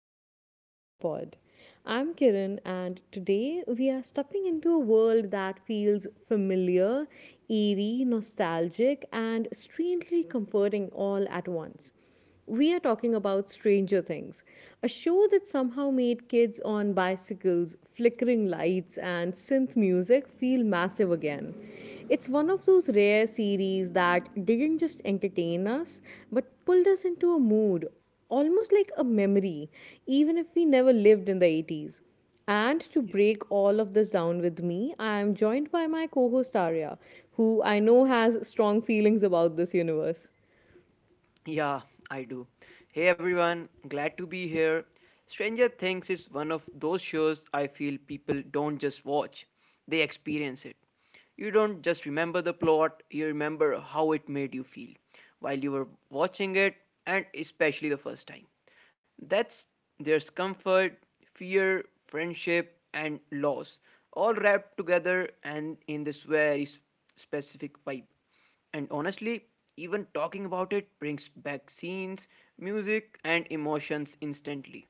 to the Open Mind Pod. I'm Kiran, and today we are stepping into a world that feels familiar, eerie, nostalgic, and strangely comforting all at once. We are talking about Stranger Things, a show that somehow made kids on bicycles, flickering lights, and synth music feel massive again. It's one of those rare series that didn't just entertain us, but pulled us into a mood, almost like a memory, even if we never lived in the 80s. And to break all of this down with me, I am joined by my co host Arya, who I know has strong feelings about this universe. Yeah, I do. Hey everyone, glad to be here. Stranger Things is one of those shows I feel people don't just watch, they experience it. You don't just remember the plot, you remember how it made you feel while you were watching it, and especially the first time. That's There's comfort, fear, friendship, and loss, all wrapped together and in this specific vibe. And honestly, even talking about it brings back scenes, music, and emotions instantly.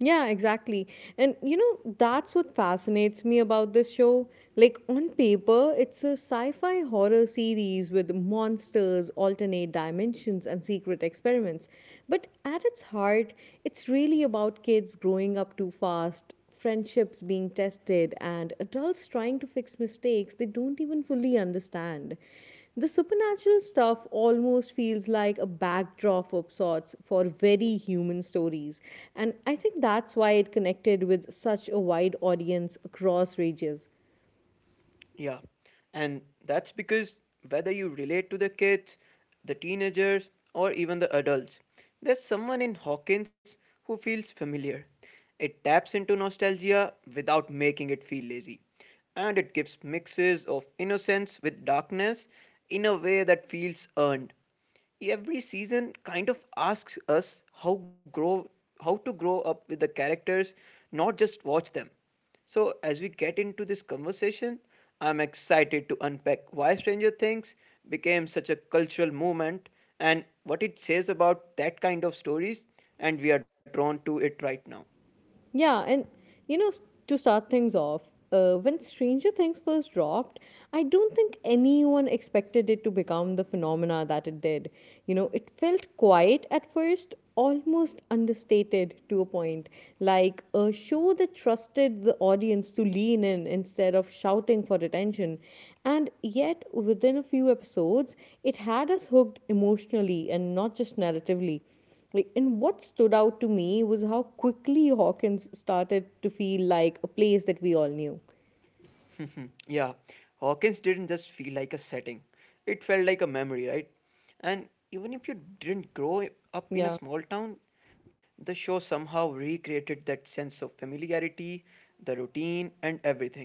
Yeah, exactly. And you know, that's what fascinates me about this show. Like, on paper, it's a sci fi horror series with monsters, alternate dimensions, and secret experiments. But at its heart, it's really about kids growing up too fast, friendships being tested, and adults trying to fix mistakes they don't even fully understand. The supernatural stuff almost feels like a backdrop of sorts for very human stories, and I think that's why it connected with such a wide audience across ranges. Yeah, and that's because whether you relate to the kids, the teenagers, or even the adults, there's someone in Hawkins who feels familiar. It taps into nostalgia without making it feel lazy, and it gives mixes of innocence with darkness in a way that feels earned. Every season kind of asks us how to grow up with the characters, not just watch them. So as we get into this conversation, I'm excited to unpack why Stranger Things became such a cultural movement and what it says about that kind of stories and we are drawn to it right now. Yeah, and you know, to start things off, when Stranger Things first dropped, I don't think anyone expected it to become the phenomena that it did. You know, it felt quiet at first, almost understated to a point, like a show that trusted the audience to lean in instead of shouting for attention. And yet, within a few episodes, it had us hooked emotionally and not just narratively. Like, and what stood out to me was how quickly Hawkins started to feel like a place that we all knew. Yeah, Hawkins didn't just feel like a setting, it felt like a memory, right? And even if you didn't grow up in a Yeah. small town, the show somehow recreated that sense of familiarity, the routine, and everything.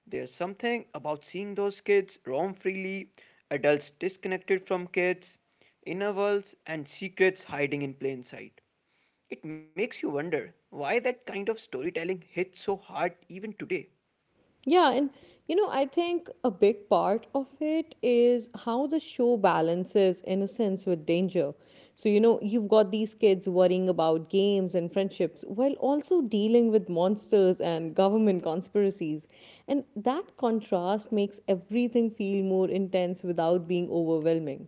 There's something about seeing those kids roam freely, adults disconnected from kids, inner worlds, and secrets hiding in plain sight. It makes you wonder why that kind of storytelling hits so hard even today. Yeah, and you know, I think a big part of it is how the show balances innocence with danger. So, you know, you've got these kids worrying about games and friendships while also dealing with monsters and government conspiracies. And that contrast makes everything feel more intense without being overwhelming.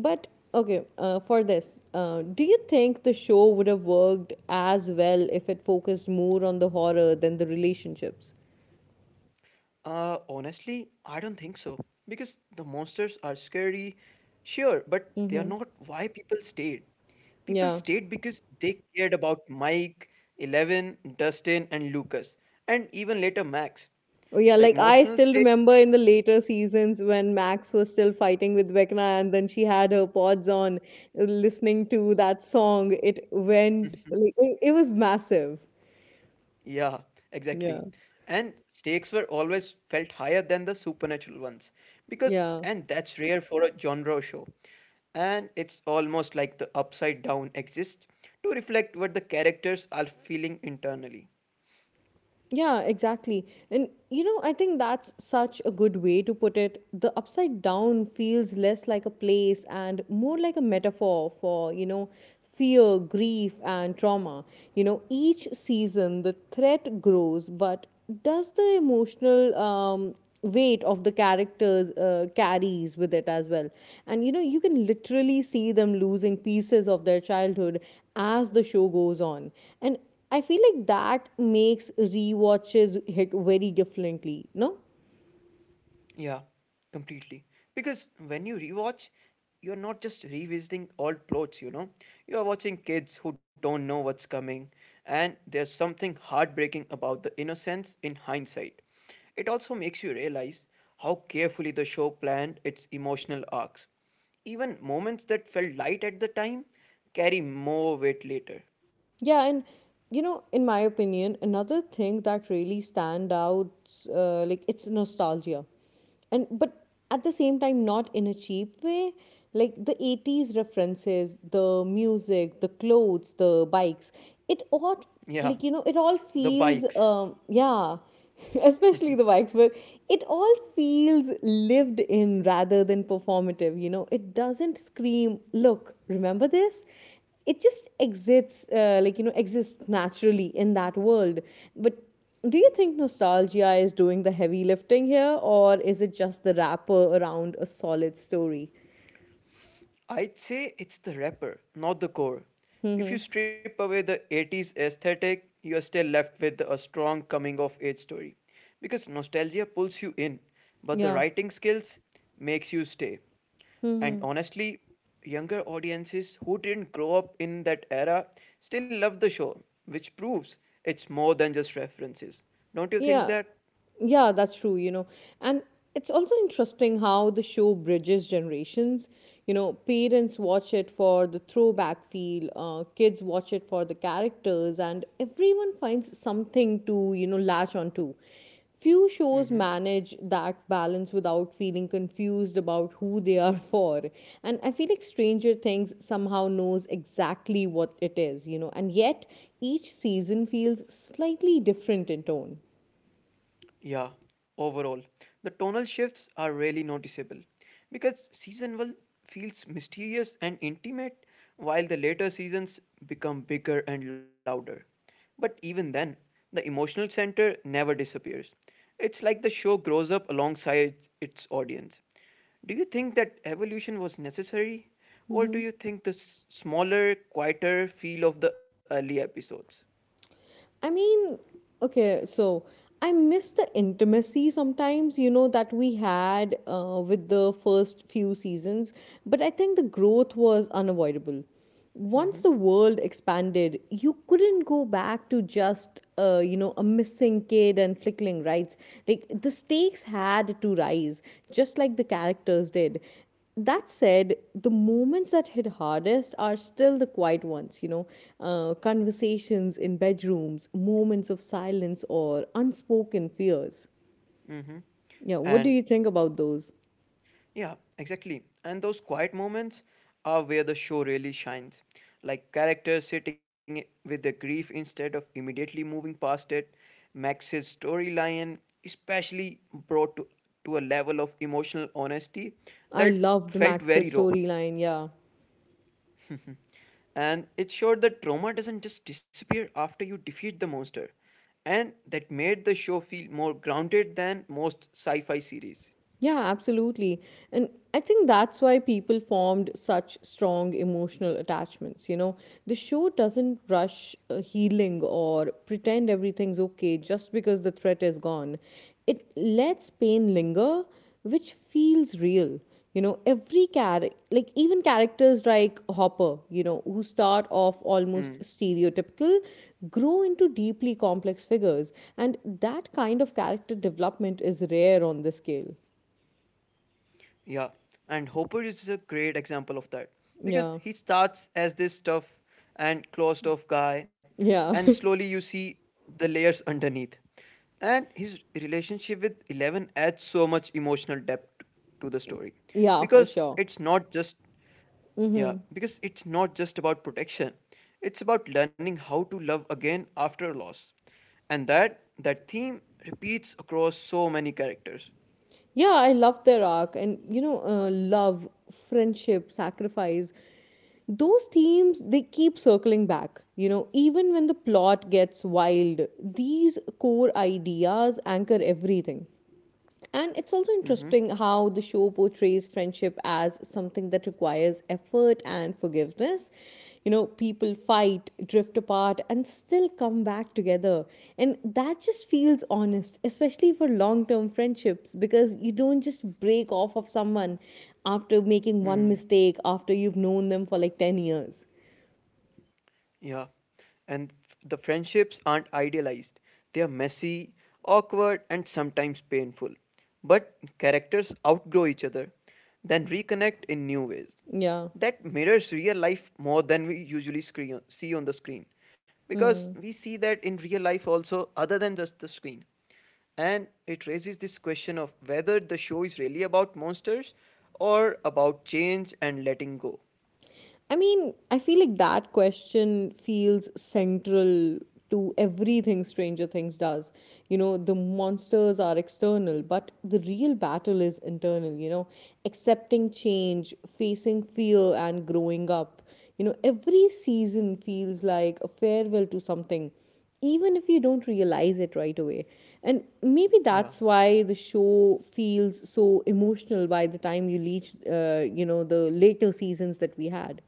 But okay, for this, do you think the show would have worked as well if it focused more on the horror than the relationships? Honestly, I don't think so. Because the monsters are scary, sure, but they are not why people stayed. People Yeah. stayed because they cared about Mike, Eleven, Dustin, and Lucas, and even later Max. Oh yeah, The like I emotional still stake. remember in the later seasons when Max was still fighting with Vecna and then she had her pods on listening to that song. It went like it was massive. Yeah, Yeah. exactly. And stakes were always felt higher than the supernatural ones because Yeah. and that's rare for a genre show. And it's almost like the upside down exists to reflect what the characters are feeling internally. Yeah, exactly. And you know, I think that's such a good way to put it. The upside down feels less like a place and more like a metaphor for, you know, fear, grief, and trauma. You know, each season the threat grows, but does the emotional weight of the characters carries with it as well? And you know, you can literally see them losing pieces of their childhood as the show goes on. And I feel like that makes rewatches hit very differently, no? Yeah, completely. Because when you rewatch, you're not just revisiting old plots, you know. You are watching kids who don't know what's coming, and there's something heartbreaking about the innocence in hindsight. It also makes you realize how carefully the show planned its emotional arcs. Even moments that felt light at the time carry more weight later. Yeah, and you know, in my opinion, another thing that really stand out, like it's nostalgia, and but at the same time, not in a cheap way. Like the 80s references, the music, the clothes, the bikes, it all Yeah, like you know, it all the feels bikes. Yeah, especially the bikes, but it all feels lived in rather than performative. You know, it doesn't scream, "Look, remember this," it just exists like you know exists naturally in that world but do you think nostalgia is doing the heavy lifting here or is it just the wrapper around a solid story. I'd say it's the wrapper, not the core. If you Mm-hmm. strip away the 80s aesthetic, you are still left with a strong coming of age story. Because nostalgia pulls you in, but the Yeah. writing skills makes you stay. And Mm-hmm. honestly, younger audiences who didn't grow up in that era still love the show, which proves it's more than just references. Don't you think Yeah, that? yeah, that's true, you know. And it's also interesting how the show bridges generations. You know, parents watch it for the throwback feel, kids watch it for the characters, and everyone finds something to, you know, latch onto. Few shows Hmm. manage that balance without feeling confused about who they are for. And I feel like Stranger Things somehow knows exactly what it is, you know, and yet each season feels slightly different in tone. Yeah, overall, the tonal shifts are really noticeable because season 1 feels mysterious and intimate while the later seasons become bigger and louder. But even then, the emotional center never disappears. It's like the show grows up alongside its audience. Do you think that evolution was necessary, or do Mm-hmm. you think the smaller, quieter feel of the early episodes? I mean, okay, so I miss the intimacy sometimes, you know, that we had with the first few seasons, but I think the growth was unavoidable. Mm-hmm. Once the world expanded, you couldn't go back to just, you know, a missing kid and flickling rights. Like the stakes had to rise, just like the characters did. That said, the moments that hit hardest are still the quiet ones, you know, conversations in bedrooms, moments of silence, or unspoken fears. Mm-hmm. Yeah, what do And you think about those? Yeah, exactly. And those quiet moments are where the show really shines. Like characters sitting with their grief instead of immediately moving past it. Max's storyline, especially brought to a level of emotional honesty I that loved felt very Max's raw. storyline, yeah. And it showed that trauma doesn't just disappear after you defeat the monster. And that made the show feel more grounded than most sci fi series. Yeah, absolutely. And I think that's why people formed such strong emotional attachments. You know, the show doesn't rush healing or pretend everything's okay just because the threat is gone. It lets pain linger, which feels real. You know, every character, like even characters like Hopper, you know, who start off almost Hmm. stereotypical, grow into deeply complex figures. And that kind of character development is rare on the scale. Yeah, and Hopper is a great example of that because Yeah, he starts as this tough and closed off guy, and yeah, slowly you see the layers underneath. And his relationship with Eleven adds so much emotional depth to the story yeah, for because sure. it's not just yeah, Hmm. because it's not just about protection. It's about learning how to love again after a loss. And that theme repeats across so many characters. Yeah, I love their arc, and you know, love, friendship, sacrifice. Those themes they keep circling back. You know, even when the plot gets wild, these core ideas anchor everything. And it's also Mm-hmm. interesting how the show portrays friendship as something that requires effort and forgiveness. You know, people fight, drift apart, and still come back together. And that just feels honest, especially for long term friendships, because you don't just break off of someone after making one mistake after you've known them for like 10 years. Yeah. And the friendships aren't idealized. They are messy, awkward, and sometimes painful. But characters outgrow each other, then reconnect in new ways. Yeah. That mirrors real life more than we usually see on the screen. Because we see that in real life also, other than just the screen. And it raises this question of whether the show is really about monsters or about change and letting go. I mean, I feel like that question feels central to everything Stranger Things does. You know, the monsters are external, but the real battle is internal, you know, accepting change, facing fear, and growing up. You know, every season feels like a farewell to something, even if you don't realize it right away. And maybe Yeah. that's why the show feels so emotional by the time you reach, you know, the later seasons that we had.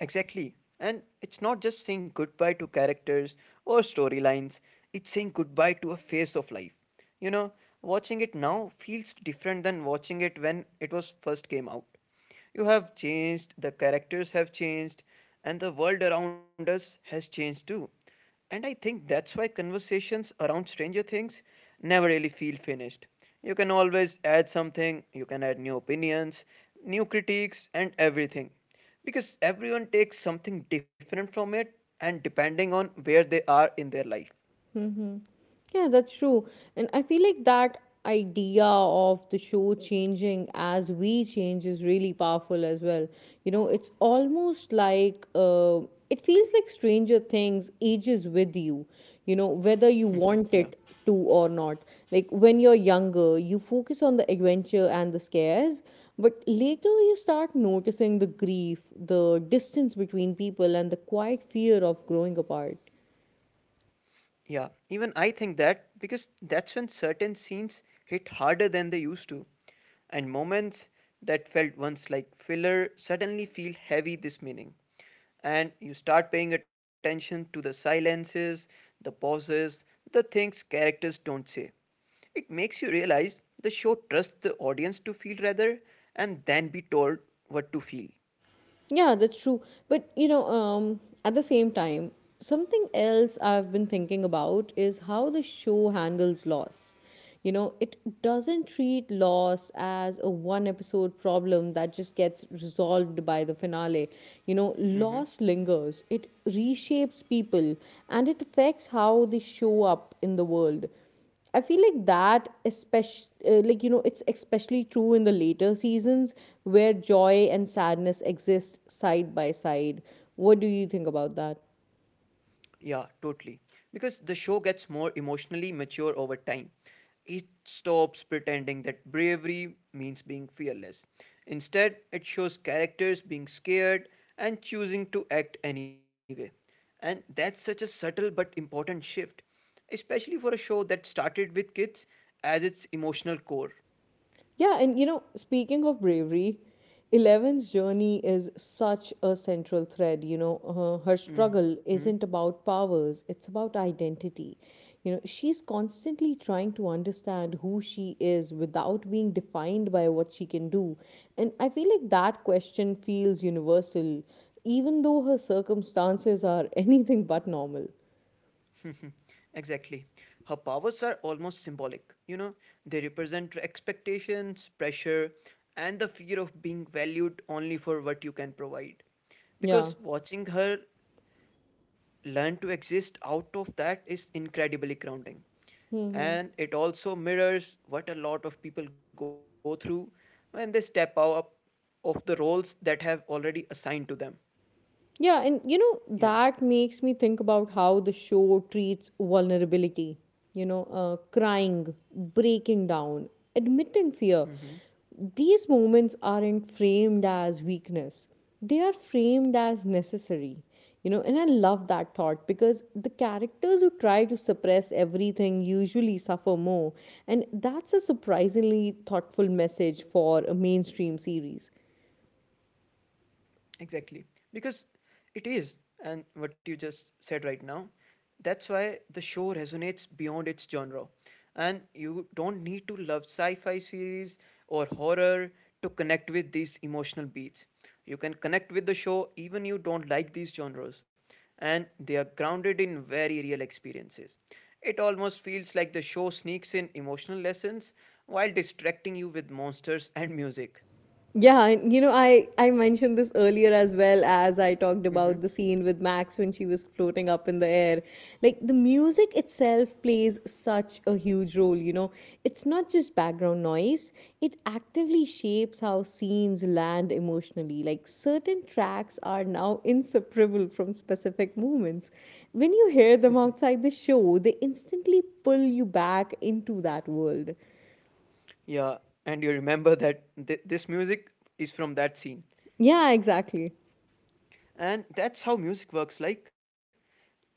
Exactly. And it's not just saying goodbye to characters or storylines, it's saying goodbye to a phase of life. You know, watching it now feels different than watching it when it was first came out. You have changed, the characters have changed, and the world around us has changed too. And I think that's why conversations around Stranger Things never really feel finished. You can always add something, you can add new opinions, new critiques, and everything. Because everyone takes something different from it and depending on where they are in their life. Mm-hmm. Yeah, that's true. And I feel like that idea of the show changing as we change is really powerful as well. You know, it's almost like it feels like Stranger Things ages with you, you know, whether you Yeah. want it to or not. Like when you're younger, you focus on the adventure and the scares, but later you start noticing the grief, the distance between people, and the quiet fear of growing apart. Yeah, even I think that because that's when certain scenes hit harder than they used to. And moments that felt once like filler suddenly feel heavy this meaning. And you start paying attention to the silences, the pauses, the things characters don't say. It makes you realize the show trusts the audience to feel rather and then be told what to feel. Yeah, that's true. But you know, at the same time, something else I've been thinking about is how the show handles loss. You know, it doesn't treat loss as a one episode problem that just gets resolved by the finale. You know, Mm-hmm. loss lingers, it reshapes people, and it affects how they show up in the world. I feel like that, especially, like, you know, it's especially true in the later seasons where joy and sadness exist side by side. What do you think about that? Yeah, totally. Because the show gets more emotionally mature over time. It stops pretending that bravery means being fearless. Instead, it shows characters being scared and choosing to act anyway. And that's such a subtle but important shift, especially for a show that started with kids as its emotional core. Yeah, and you know, speaking of bravery, Eleven's journey is such a central thread. You know, her struggle isn't about powers, it's about identity. You know, she's constantly trying to understand who she is without being defined by what she can do. And I feel like that question feels universal, even though her circumstances are anything but normal. Mhm. Exactly. Her powers are almost symbolic, you know, they represent expectations, pressure, and the fear of being valued only for what you can provide. Yeah. Because watching her learn to exist out of that is incredibly grounding. And it also mirrors what a lot of people go through when they step out of the roles that have already assigned to them. Yeah, and you know, Yeah. that makes me think about how the show treats vulnerability, you know, crying, breaking down, admitting fear. Mm-hmm. These moments aren't framed as weakness, they are framed as necessary, you know, and I love that thought because the characters who try to suppress everything usually suffer more, and that's a surprisingly thoughtful message for a mainstream series. Exactly. Because it is, and what you just said right now, that's why the show resonates beyond its genre. And you don't need to love sci fi series or horror to connect with these emotional beats. You can connect with the show even you don't like these genres. And they are grounded in very real experiences. It almost feels like the show sneaks in emotional lessons while distracting you with monsters and music. Yeah, and you know, I mentioned this earlier as well as I talked about the Mm-hmm. scene with Max when she was floating up in the air. Like the music itself plays such a huge role, you know. It's not just background noise, it actively shapes how scenes land emotionally. Like certain tracks are now inseparable from specific moments. When you hear them outside the show, they instantly pull you back into that world. Yeah, and you remember that this music is from that scene. Yeah, exactly. And that's how music works like because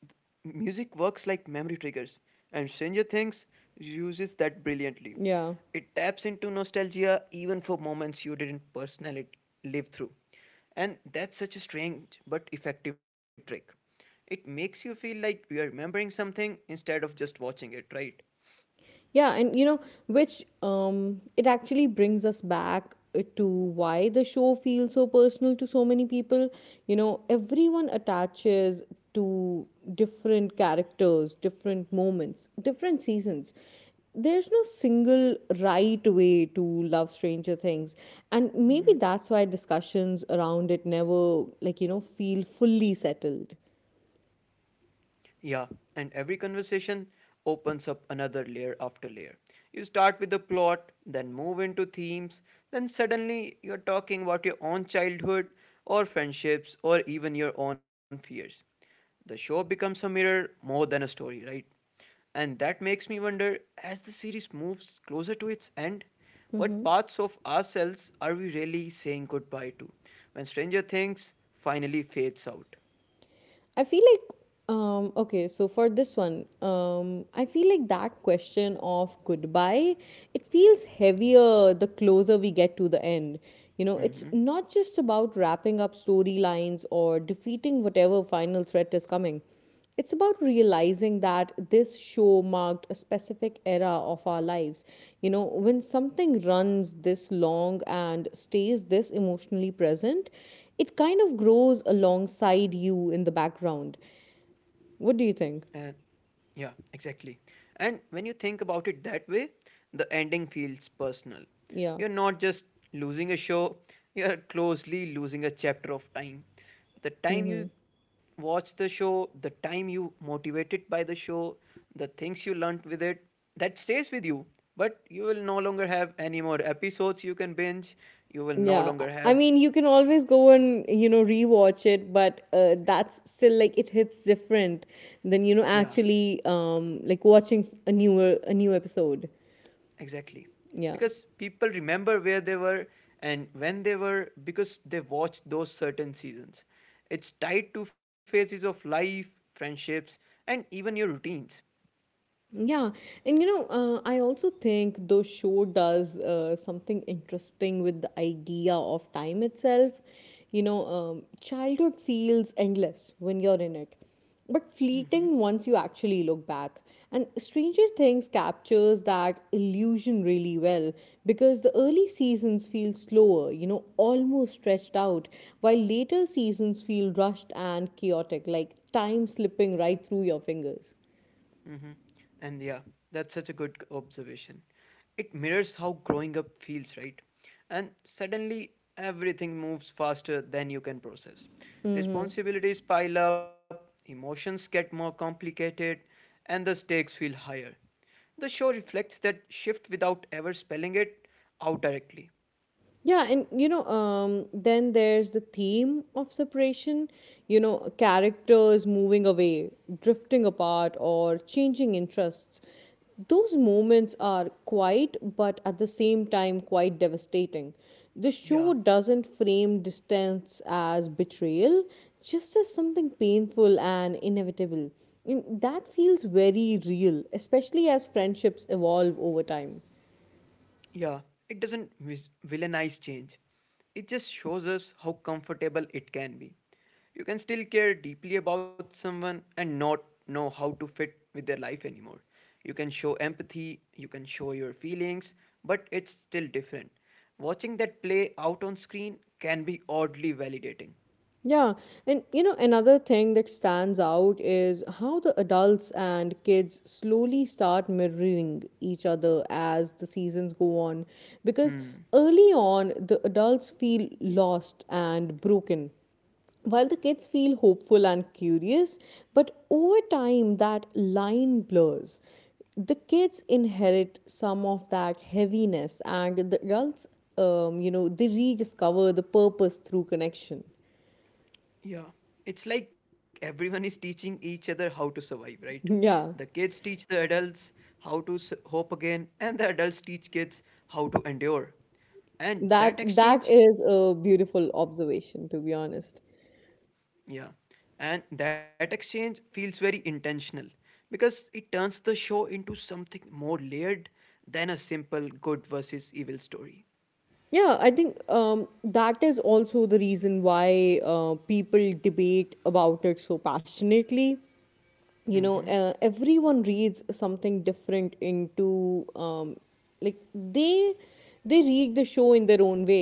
music works like memory triggers and Stranger Things uses that brilliantly. Yeah. It taps into nostalgia even for moments you didn't personally live through. And that's such a strange but effective trick. It makes you feel like you are remembering something instead of just watching it, right? Yeah, and you know, which it actually brings us back to why the show feels so personal to so many people. You know, everyone attaches to different characters, different moments, different seasons. There's no single right way to love Stranger Things, and maybe that's why discussions around it never, feel fully settled. Yeah, and every conversation opens up another layer after layer. You start with the plot, then move into themes, then suddenly you're talking about your own childhood or friendships or even your own fears. The show becomes a mirror more than a story, right? And that makes me wonder as the series moves closer to its end, what parts of ourselves are we really saying goodbye to when Stranger Things finally fades out? I feel like okay, so for this one, I feel like that question of goodbye, it feels heavier the closer we get to the end. You know, it's Mm-hmm. not just about wrapping up storylines or defeating whatever final threat is coming. It's about realizing that this show marked a specific era of our lives. You know, when something runs this long and stays this emotionally present, it kind of grows alongside you in the background. What do you think? And Yeah, exactly. And when you think about it that way, the ending feels personal. Yeah. You're not just losing a show, you're closely losing a chapter of time. The time you watched the show, the time you motivated by the show, the things you learnt with it, that stays with you. But you will no longer have any more episodes you can binge. You will no Yeah, longer I have, mean, you can always go and rewatch it, but that's still like it hits different than yeah. actually like watching a newer a new episode. Exactly. Yeah. Because people remember where they were and when they were because they watched those certain seasons. It's tied to phases of life, friendships, and even your routines. Yeah, and you know, I also think the show does something interesting with the idea of time itself. Childhood feels endless when you're in it, but Mm-hmm. fleeting once you actually look back. And Stranger Things captures that illusion really well because the early seasons feel slower, you know, almost stretched out, while later seasons feel rushed and chaotic, like time slipping right through your fingers. Mm-hmm. And yeah, that's such a good observation. It mirrors how growing up feels, right? And suddenly everything moves faster than you can process. Responsibilities pile up, emotions get more complicated, and the stakes feel higher. The show reflects that shift without ever spelling it out directly. Yeah, and then there's the theme of separation, you know, characters moving away, drifting apart, or changing interests. Those moments are quite, but at the same time, quite devastating. The show Yeah. doesn't frame distance as betrayal, just as something painful and inevitable. And that feels very real, especially as friendships evolve over time. Yeah, it doesn't villainize change. It just shows us how comfortable it can be. You can still care deeply about someone and not know how to fit with their life anymore. You can show empathy, you can show your feelings, but it's still different. Watching that play out on screen can be oddly validating. Yeah, and you know, another thing that stands out is how the adults and kids slowly start mirroring each other as the seasons go on. Because Hmm. early on, the adults feel lost and broken, while the kids feel hopeful and curious. But over time, that line blurs. The kids inherit some of that heaviness, and the adults, they rediscover the purpose through connection. Yeah, it's like everyone is teaching each other how to survive, right? The Yeah. kids teach the adults how to hope again, and the adults teach kids how to endure. And That that that exchange, is a beautiful observation, to be honest. yeah, and that exchange feels very intentional because it turns the show into something more layered than a simple good versus evil story. Yeah, I think that is also the reason why people debate about it so passionately. Mm-hmm. Everyone reads something different into like they read the show in their own way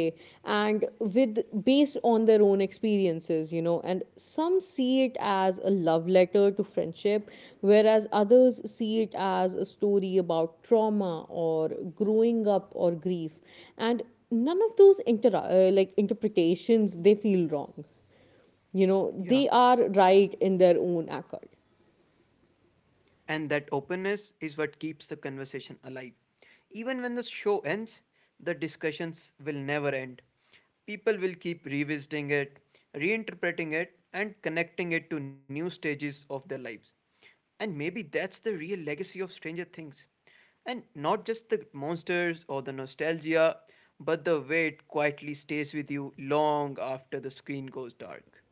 and with based on their own experiences, you know, and some see it as a love letter to friendship, whereas others see it as a story about trauma or growing up or grief, and none of those like interpretations, they feel wrong. You know, Yeah. they are right in their own accord. And that openness is what keeps the conversation alive. Even when the show ends, the discussions will never end. People will keep revisiting it, reinterpreting it, and connecting it to new stages of their lives. And maybe that's the real legacy of Stranger Things. And not just the monsters or the nostalgia, but the way it quietly stays with you long after the screen goes dark.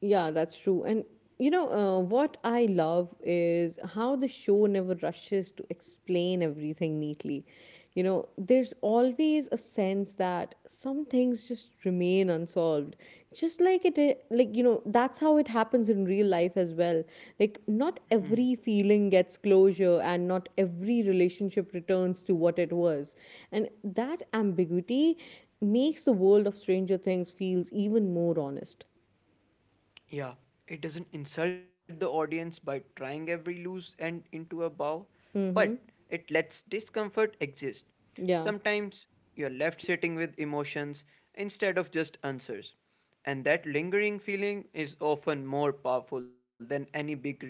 Yeah, that's true. And you know, what I love is how the show never rushes to explain everything neatly. You know, there's always a sense that some things just remain unsolved. Just like like, you know, that's how it happens in real life as well. Like, not every feeling gets closure and not every relationship returns to what it was. And that ambiguity makes the world of Stranger Things feels even more honest. Yeah, it doesn't insult the audience by trying every loose end into a bow, but Mm-hmm. it lets discomfort exist. Yeah. Sometimes you're left sitting with emotions instead of just answers, and that lingering feeling is often more powerful than any big reveal.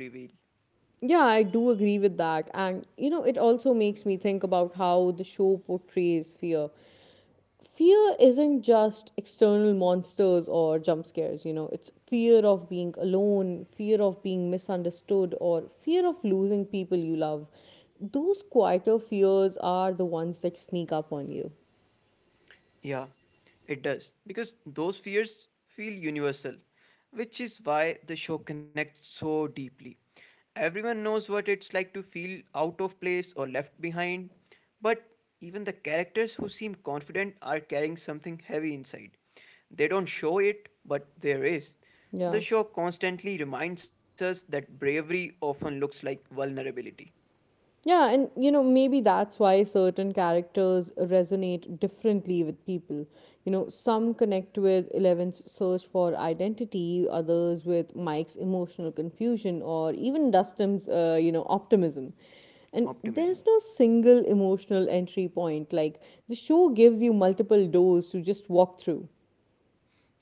Yeah, I do agree with that. And, you know, it also makes me think about how the show portrays fear. Fear isn't just external monsters or jump scares, you know, it's fear of being alone, fear of being misunderstood, or fear of losing people you love. Those quieter fears are the ones that sneak up on you. Yeah, it does. Because those fears feel universal, which is why the show connects so deeply. Everyone knows what it's like to feel out of place or left behind, but even the characters who seem confident are carrying something heavy inside. They don't show it, but there is. The Yeah. show constantly reminds us that bravery often looks like vulnerability, Yeah, and you know, maybe that's why certain characters resonate differently with people. You know, some connect with Eleven's search for identity, others with Mike's emotional confusion, or even Dustin's, optimism. And optimism. there's no single emotional entry point. Like, the show gives you multiple doors to just walk through.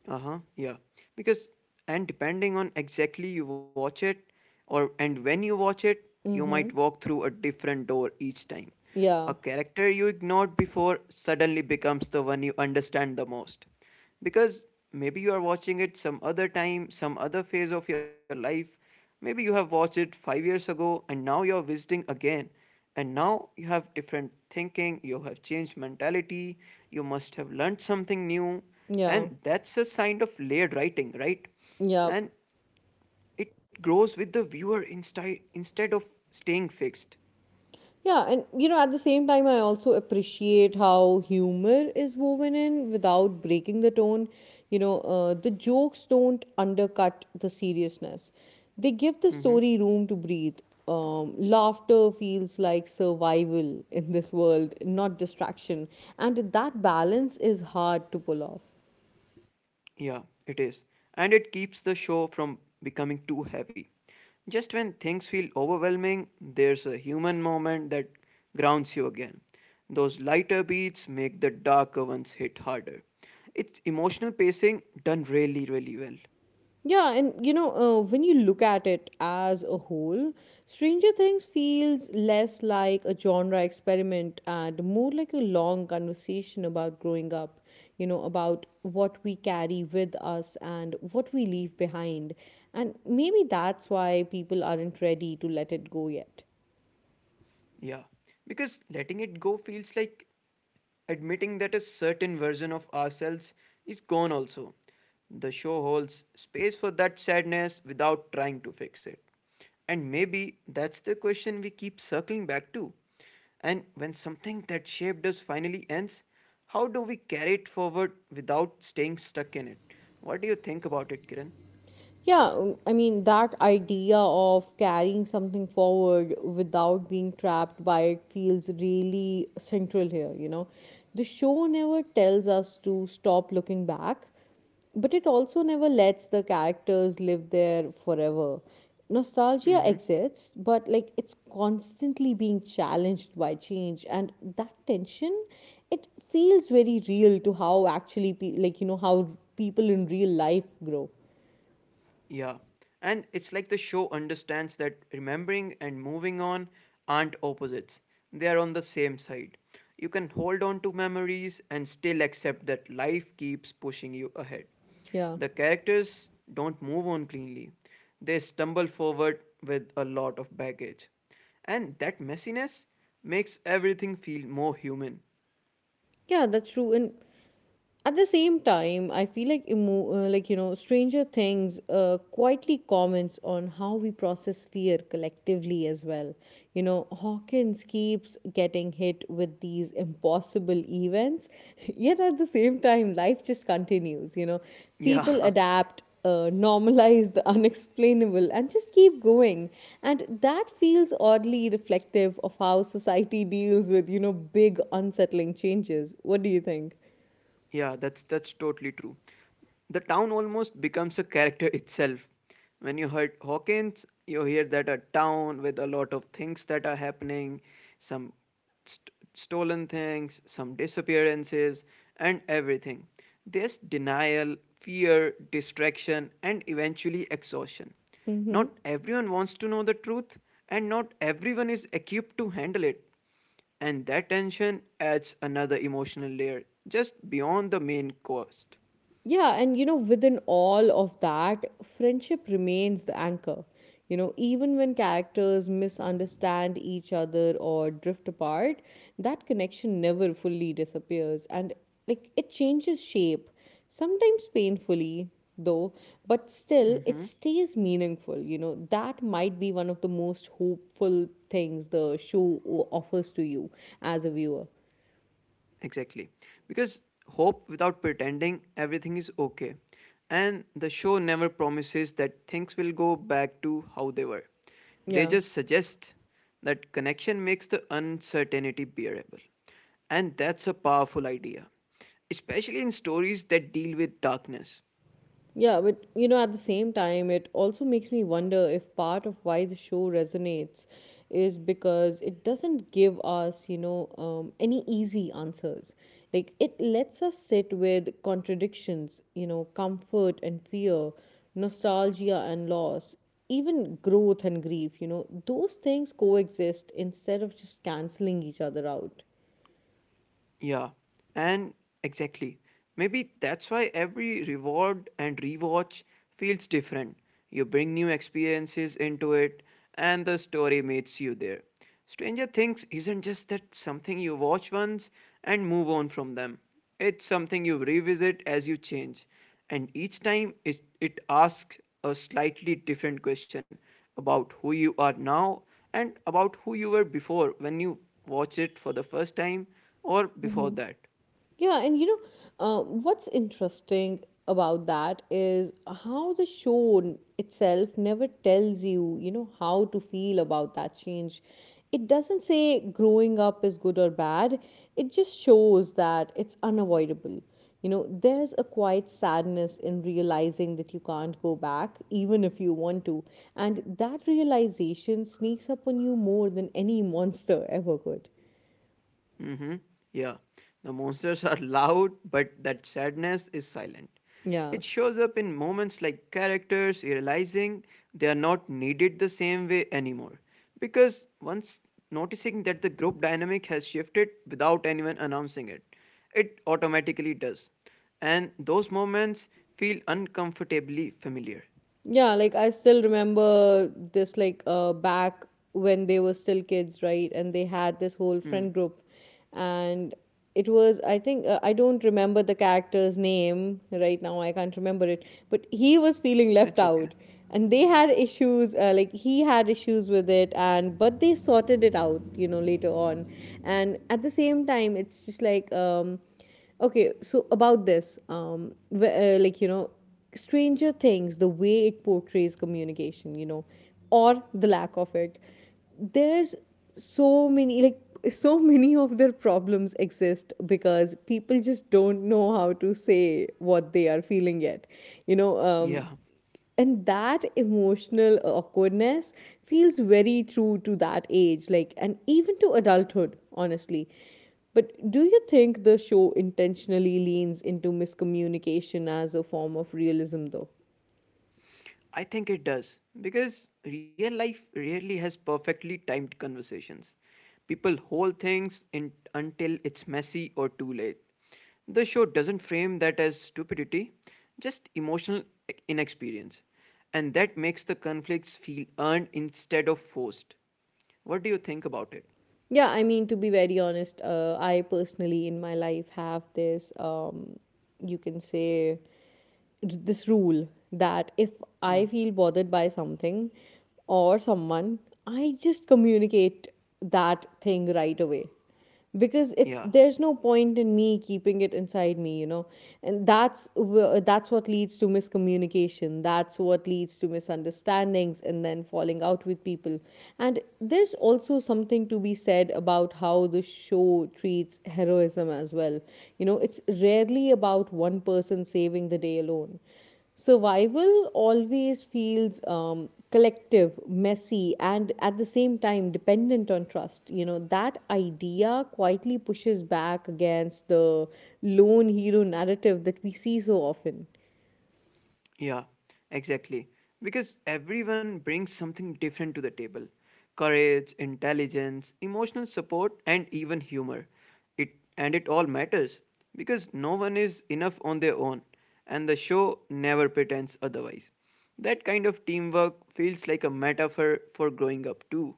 Uh-huh yeah, because and depending on exactly you watch it or and when you watch it, you might Mm-hmm. walk through a different door each time. A Yeah, character you ignored before suddenly becomes the one you understand the most, because maybe you are watching it some other time, some other phase of your life. Maybe you have watched it 5 years ago and now you're visiting again, and now you have different thinking, you have changed mentality, you must have learned something new. yeah, And that's a sign of layered writing, right? yeah. And it grows with the viewer instead of staying fixed. Yeah, and you know, at the same time, I also appreciate how humor is woven in without breaking the tone. You know, the jokes don't undercut the seriousness, they give the Mm-hmm. story room to breathe. Laughter feels like survival in this world, not distraction. And that balance is hard to pull off. Yeah, it is. And it keeps the show from becoming too heavy. Just when things feel overwhelming, there's a human moment that grounds you again. Those lighter beats make the darker ones hit harder. It's emotional pacing done really, really well. Yeah, and you know, when you look at it as a whole, Stranger Things feels less like a genre experiment and more like a long conversation about growing up, you know, about what we carry with us and what we leave behind. And maybe that's why people aren't ready to let it go yet. Yeah, because letting it go feels like admitting that a certain version of ourselves is gone also. The show holds space for that sadness without trying to fix it. And maybe that's the question we keep circling back to. And when something that shaped us finally ends, how do we carry it forward without staying stuck in it? What do you think about it, Kiran? Yeah, I mean, that idea of carrying something forward without being trapped by it feels really central here, you know. The show never tells us to stop looking back, but it also never lets the characters live there forever. Nostalgia Mm-hmm. exists, but like it's constantly being challenged by change, and that tension, it feels very real to how actually, like, you know, how people in real life grow. Yeah. And it's like the show understands that remembering and moving on aren't opposites, they are on the same side. You can hold on to memories and still accept that life keeps pushing you ahead. Yeah. The characters don't move on cleanly, they stumble forward with a lot of baggage. And that messiness makes everything feel more human. Yeah, that's true. And at the same time, I feel like like, you know, Stranger Things quietly comments on how we process fear collectively as well, you know. Hawkins keeps getting hit with these impossible events yet at the same time life just continues, you know, people Yeah. adapt, normalize the unexplainable and just keep going, and that feels oddly reflective of how society deals with, you know, big unsettling changes. What do you think? Yeah, that's totally true. The town almost becomes a character itself. When you heard Hawkins, you hear that a town with a lot of things that are happening, some stolen things, some disappearances, and everything. There's denial, fear, distraction, and eventually exhaustion. Mm-hmm. Not everyone wants to know the truth, and not everyone is equipped to handle it. And that tension adds another emotional layer just beyond the main cost. Yeah, and you know, within all of that, friendship remains the anchor. You know, even when characters misunderstand each other or drift apart, that connection never fully disappears and like it changes shape, sometimes painfully though, but still it Hmm. stays meaningful. You know, that might be one of the most hopeful things the show offers to you as a viewer. Exactly. Because hope without pretending everything is okay. And the show never promises that things will go back to how they were. They Yeah. just suggest that connection makes the uncertainty bearable. And that's a powerful idea, especially in stories that deal with darkness. Yeah, but you know, at the same time, it also makes me wonder if part of why the show resonates is because it doesn't give us, any easy answers. Like, it lets us sit with contradictions, you know, comfort and fear, nostalgia and loss, even growth and grief, you know, those things coexist instead of just canceling each other out. Yeah, and exactly. Maybe that's why every reward and rewatch feels different. You bring new experiences into it, and the story meets you there. Stranger Things isn't just that something you watch once and move on from them. It's something you revisit as you change, and each time it asks a slightly different question about who you are now and about who you were before when you watch it for the first time or before that. Yeah, and what's interesting about that is how the show itself never tells you, you know, how to feel about that change. It doesn't say growing up is good or bad, it just shows that it's unavoidable. You know, there's a quiet sadness in realizing that you can't go back, even if you want to. And that realization sneaks up on you more than any monster ever could. Hmm. Yeah, the monsters are loud, but that sadness is silent. Yeah. It shows up in moments like characters realizing they are not needed the same way anymore. Because once noticing that the group dynamic has shifted without anyone announcing it, it automatically does. And those moments feel uncomfortably familiar. Yeah, like I still remember this like back when they were still kids, right? And they had this whole Hmm, friend group, and it was, I think, I don't remember the character's name right now. I can't remember it, but he was feeling left it's okay. out, and they had issues, like he had issues with it, and but they sorted it out, you know, later on. And at the same time, it's just like okay, so about this, like, you know, Stranger Things, the way it portrays communication, you know, or the lack of it, there's so many like so many of their problems exist because people just don't know how to say what they are feeling yet. You know, um, Yeah. and that emotional awkwardness feels very true to that age, like, and even to adulthood, honestly. But do you think the show intentionally leans into miscommunication as a form of realism though? I think it does because real life rarely has perfectly timed conversations. People hold things in, until it's messy or too late. The show doesn't frame that as stupidity, just emotional inexperience. And that makes the conflicts feel earned instead of forced. What do you think about it? Yeah, I mean, to be very honest, I personally in my life have this, you can say, this rule that if Hmm. I feel bothered by something or someone, I just communicate that thing right away, because it's Yeah. there's no point in me keeping it inside me, you know. And that's what leads to miscommunication, that's what leads to misunderstandings and then falling out with people. And there's also something to be said about how the show treats heroism as well. You know, it's rarely about one person saving the day alone. Survival always feels collective, messy, and at the same time dependent on trust. You know, that idea quietly pushes back against the lone hero narrative that we see so often. Yeah, exactly. Because everyone brings something different to the table: courage, intelligence, emotional support, and even humor. It, and it all matters because no one is enough on their own, and the show never pretends otherwise. That kind of teamwork feels like a metaphor for growing up, too.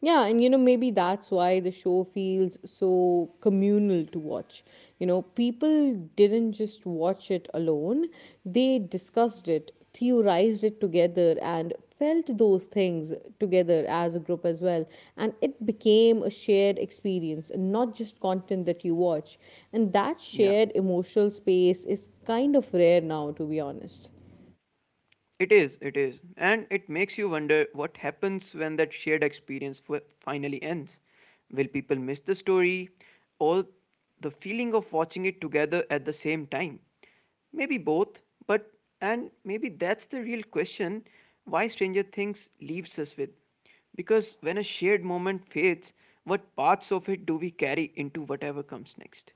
Yeah, and you know, maybe that's why the show feels so communal to watch. You know, people didn't just watch it alone, they discussed it, theorized it together, and felt those things together as a group as well. And it became a shared experience, and not just content that you watch. And that Yeah. shared emotional space is kind of rare now, to be honest. It is, it is. And it makes you wonder what happens when that shared experience finally ends. Will people miss the story or the feeling of watching it together at the same time? Maybe both, but and maybe that's the real question why Stranger Things leaves us with. Because when a shared moment fades, what parts of it do we carry into whatever comes next?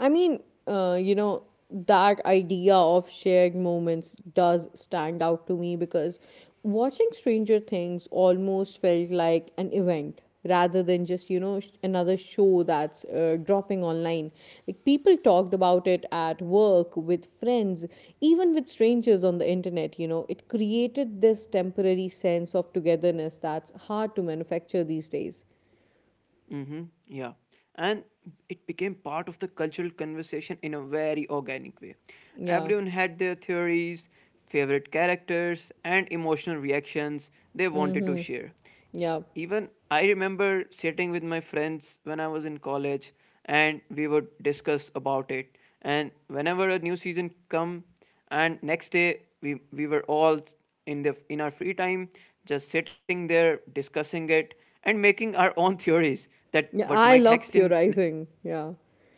I mean, you know, that idea of shared moments does stand out to me because watching Stranger Things almost felt like an event rather than just, you know, another show that's dropping online. Like, people talked about it at work, with friends, even with strangers on the internet, you know. It created this temporary sense of togetherness that's hard to manufacture these days. Mm-hmm. Yeah. And it became part of the cultural conversation in a very organic way. Yeah. Everyone had their theories, favorite characters, and emotional reactions they wanted to Mm-hmm. share. Yeah. Even I remember sitting with my friends when I was in college, and we would discuss about it, and whenever a new season come, and next day we were all in the in our free time just sitting there discussing it and making our own theories that Yeah, what I might love happen. theorizing. Yeah.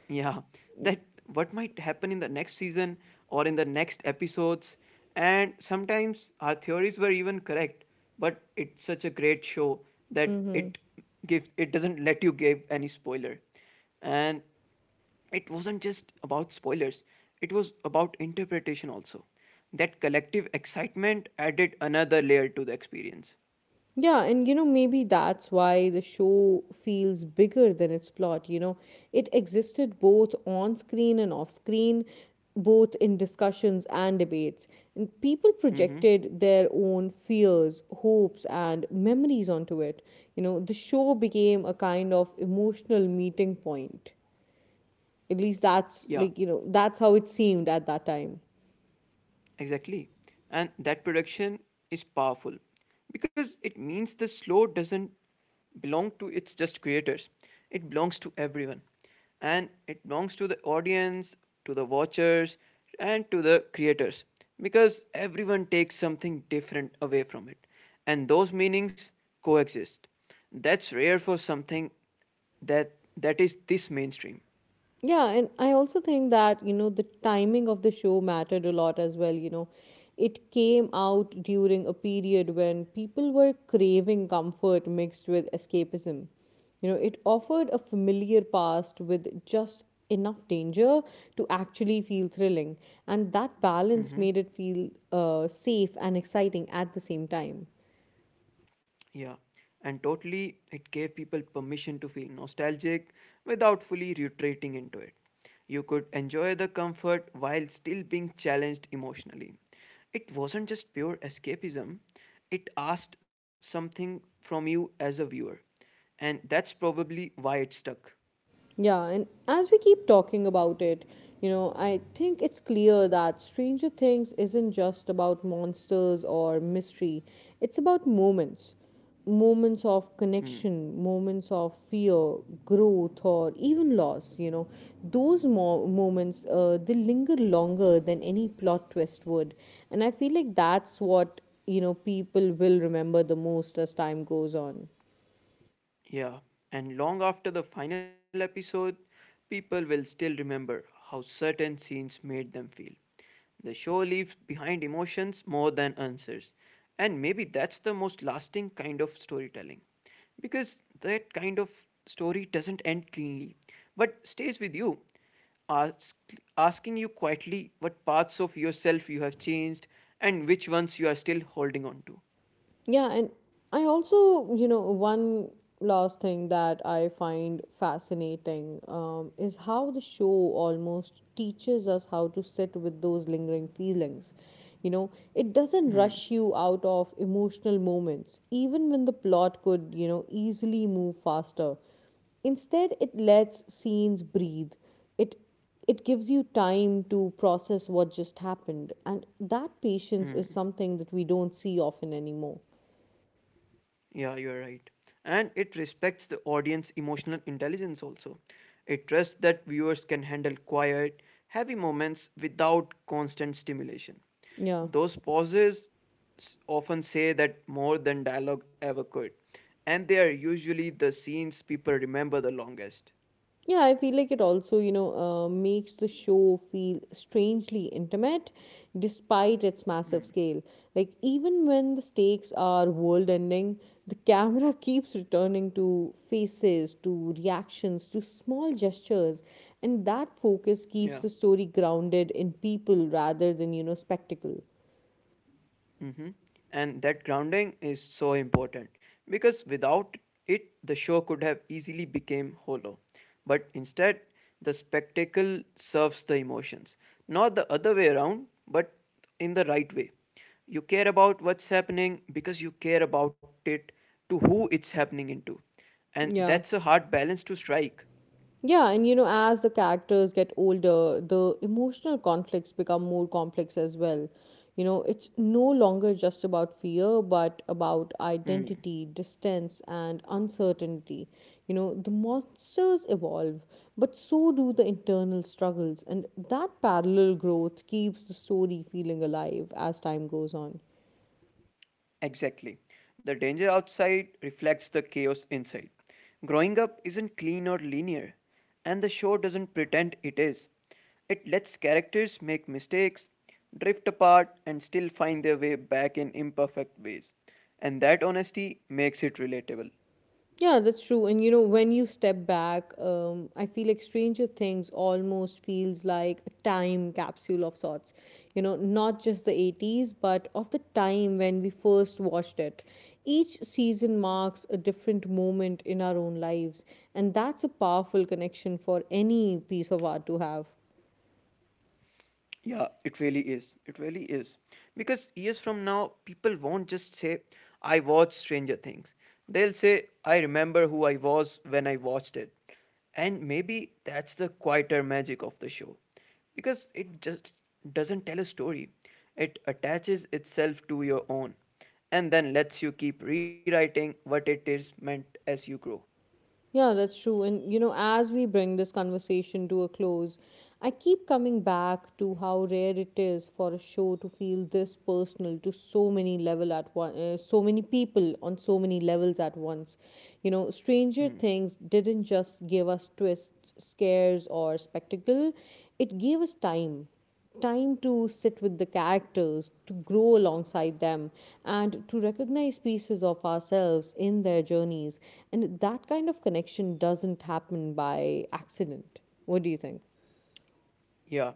Yeah, that what might happen in the next season or in the next episodes. And sometimes our theories were even correct, but it's such a great show that it gives it doesn't let you give any spoiler. And it wasn't just about spoilers, it was about interpretation also. That collective excitement added another layer to the experience. Yeah, and you know, maybe that's why the show feels bigger than its plot. You know, it existed both on screen and off screen, both in discussions and debates. And people Hmm. projected their own fears, hopes, and memories onto it. You know, the show became a kind of emotional meeting point. At least that's Yeah. like, you know, that's how it seemed at that time. Exactly. And that production is powerful because it means the slow doesn't belong to its just creators. It belongs to everyone. And it belongs to the audience, to the watchers, and to the creators because everyone takes something different away from it. And those meanings coexist. That's rare for something that is this mainstream. Yeah, and I also think that, you know, the timing of the show mattered a lot as well. You know, it came out during a period when people were craving comfort mixed with escapism. You know, it offered a familiar past with just enough danger to actually feel thrilling. And that balance Mm-hmm. made it feel safe and exciting at the same time. Yeah, and totally it gave people permission to feel nostalgic without fully retreating into it. You could enjoy the comfort while still being challenged emotionally. It wasn't just pure escapism, it asked something from you as a viewer, and that's probably why it stuck. Yeah, and as we keep talking about it, you know, I think it's clear that Stranger Things isn't just about monsters or mystery, it's about moments. Moments of Hmm. connection, moments of fear, growth, or even loss, you know, those moments they linger longer than any plot twist would, and I feel like that's what people will remember the most as time goes on. Yeah, and long after the final episode, people will still remember how certain scenes made them feel. The show leaves behind emotions more than answers, and maybe that's the most lasting kind of storytelling. Because that kind of story doesn't end cleanly, but stays with you, ask, asking you quietly what parts of yourself you have changed and which ones you are still holding on to. Yeah, and I also, one last thing that I find fascinating is how the show almost teaches us how to sit with those lingering feelings. You know, it doesn't Mm-hmm. rush you out of emotional moments, even when the plot could, you know, easily move faster. Instead, it lets scenes breathe. It it gives you time to process what just happened, and that patience is something that we don't see often anymore. Yeah, you're right. And it respects the audience emotional intelligence also. It trusts that viewers can handle quiet, heavy moments without constant stimulation. Yeah. Those pauses often say that more than dialogue ever could. And they are usually the scenes people remember the longest. Yeah, I feel like it also, makes the show feel strangely intimate despite its massive Hmm. scale. Like, even when the stakes are world ending, the camera keeps returning to faces, to reactions, to small gestures. And that focus keeps Yeah. the story grounded in people rather than, you know, spectacle. Mm-hmm. And that grounding is so important because without it, the show could have easily become hollow. But instead, the spectacle serves the emotions, not the other way around, but in the right way. You care about what's happening because you care about it to who it's happening into, and Yeah. that's a hard balance to strike. Yeah, and you know, as the characters get older, the emotional conflicts become more complex as well. You know, it's no longer just about fear, but about identity, distance, and uncertainty. You know, the monsters evolve, but so do the internal struggles, and that parallel growth keeps the story feeling alive as time goes on. Exactly. The danger outside reflects the chaos inside. Growing up isn't clean or linear, and the show doesn't pretend it is. It lets characters make mistakes, drift apart, and still find their way back in imperfect ways. And that honesty makes it relatable. Yeah, that's true. And you know, when you step back, I feel like Stranger Things almost feels like a time capsule of sorts. You know, not just the 80s, but of the time when we first watched it. Each season marks a different moment in our own lives, and that's a powerful connection for any piece of art to have. Yeah, it really is. It really is. Because years from now, people won't just say, I watched Stranger Things. They'll say, I remember who I was when I watched it. And maybe that's the quieter magic of the show. Because it just doesn't tell a story, it attaches itself to your own and then lets you keep rewriting what it is meant as you grow. Yeah, that's true. And, you know, as we bring this conversation to a close, I keep coming back to how rare it is for a show to feel this personal to so many people on so many levels at once. You know, Stranger Hmm. Things didn't just give us twists, scares, or spectacle; it gave us time to sit with the characters, to grow alongside them, and to recognize pieces of ourselves in their journeys. And that kind of connection doesn't happen by accident. What do you think? Yeah,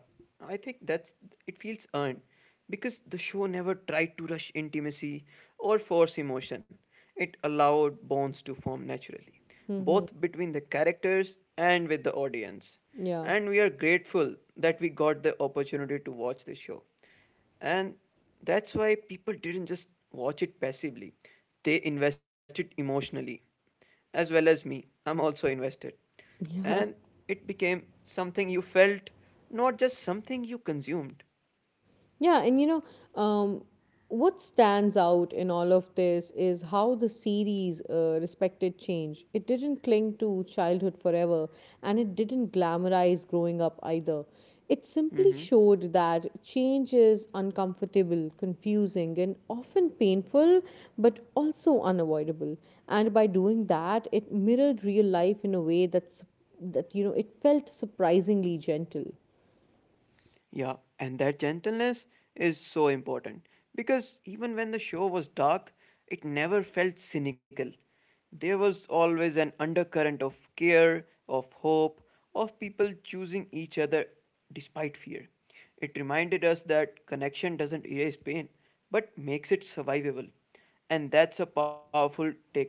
I think that's it feels earned because the show never tried to rush intimacy or force emotion. It allowed bonds to form naturally, both between the characters and with the audience. Yeah. And we are grateful that we got the opportunity to watch this show. And that's why people didn't just watch it passively, they invested emotionally. As well as me, I'm also invested, and Yeah. it became something you felt, not just something you consumed. Yeah, and what stands out in all of this is how the series respected change. It didn't cling to childhood forever, and it didn't glamorize growing up either. It simply Hmm. showed that change is uncomfortable, confusing, and often painful, but also unavoidable. And by doing that, it mirrored real life in a way that you know it felt surprisingly gentle. Yeah, and that gentleness is so important because even when the show was dark, it never felt cynical. There was always an undercurrent of care, of hope, of people choosing each other despite fear. It reminded us that connection doesn't erase pain, but makes it survivable. And that's a powerful takeaway.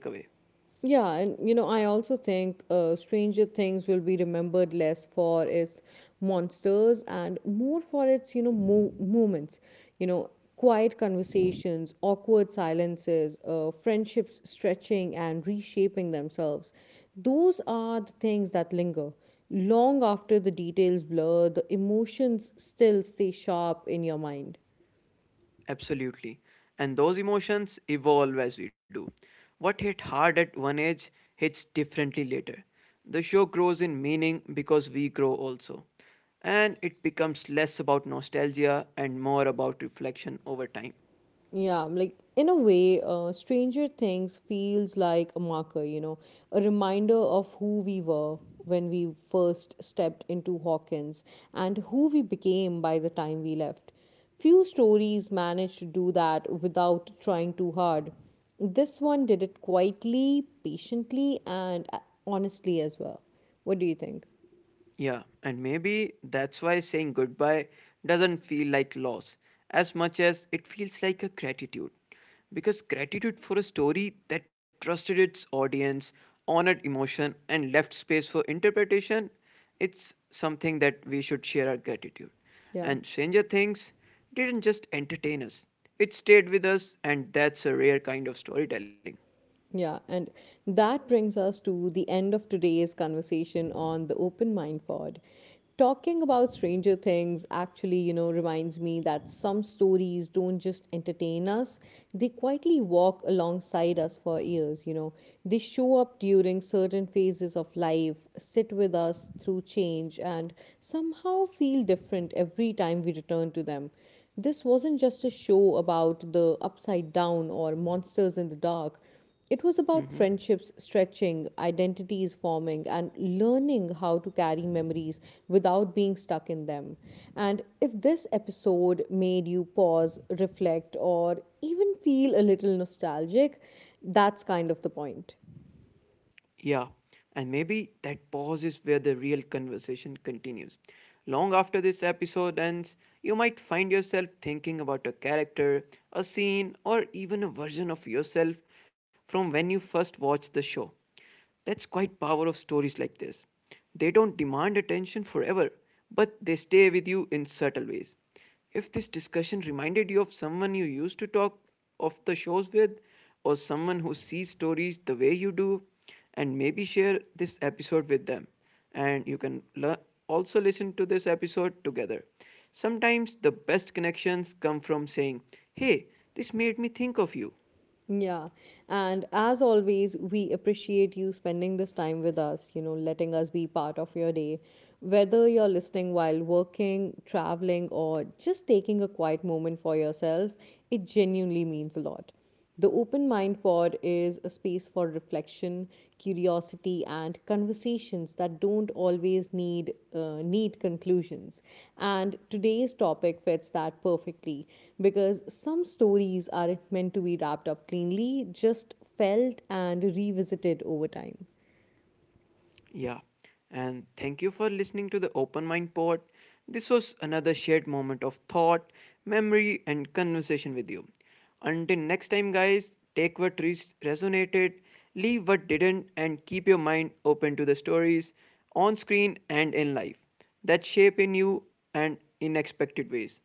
Yeah, and you know, I also think Stranger Things will be remembered less for its monsters and more for its, you know, moments. You know, quiet conversations, awkward silences, friendships stretching and reshaping themselves. Those are the things that linger. Long after the details blur, the emotions still stay sharp in your mind. Absolutely. And those emotions evolve as we do. What hit hard at one age hits differently later. The show grows in meaning because we grow also. And it becomes less about nostalgia and more about reflection over time. Yeah, like in a way, Stranger Things feels like a marker, you know, a reminder of who we were when we first stepped into Hawkins and who we became by the time we left. Few stories manage to do that without trying too hard. This one did it quietly, patiently, and honestly as well. What do you think? Yeah, and maybe that's why saying goodbye doesn't feel like loss as much as it feels like a gratitude. Because gratitude for a story that trusted its audience, honored emotion, and left space for interpretation, it's something that we should share our gratitude. Yeah. And Stranger Things didn't just entertain us, it stayed with us, and that's a rare kind of storytelling. Yeah, and that brings us to the end of today's conversation on the Open Mind Pod. Talking about Stranger Things actually, you know, reminds me that some stories don't just entertain us, they quietly walk alongside us for years, you know. They show up during certain phases of life, sit with us through change, and somehow feel different every time we return to them. This wasn't just a show about the upside down or monsters in the dark. It was Mm-hmm. about friendships stretching, identities forming, and learning how to carry memories without being stuck in them. And if this episode made you pause, reflect, or even feel a little nostalgic, that's kind of the point. Yeah, and maybe that pause is where the real conversation continues. Long after this episode ends, you might find yourself thinking about a character, a scene, or even a version of yourself from when you first watched the show. That's quite power of stories like this. They don't demand attention forever, but they stay with you in subtle ways. If this discussion reminded you of someone you used to talk of the shows with, or someone who sees stories the way you do, and maybe share this episode with them. And you can also listen to this episode together. Sometimes the best connections come from saying, Hey, this made me think of you. Yeah. And as always, we appreciate you spending this time with us, you know, letting us be part of your day. Whether you're listening while working, traveling, or just taking a quiet moment for yourself, it genuinely means a lot. The Open Mind Pod is a space for reflection, curiosity, and conversations that don't always need conclusions. And today's topic fits that perfectly because some stories aren't meant to be wrapped up cleanly, just felt and revisited over time. Yeah. And thank you for listening to the Open Mind Pod. This was another shared moment of thought, memory, and conversation with you. Until next time, guys, take what resonated, leave what didn't, and keep your mind open to the stories on screen and in life that shape in you and in expected ways.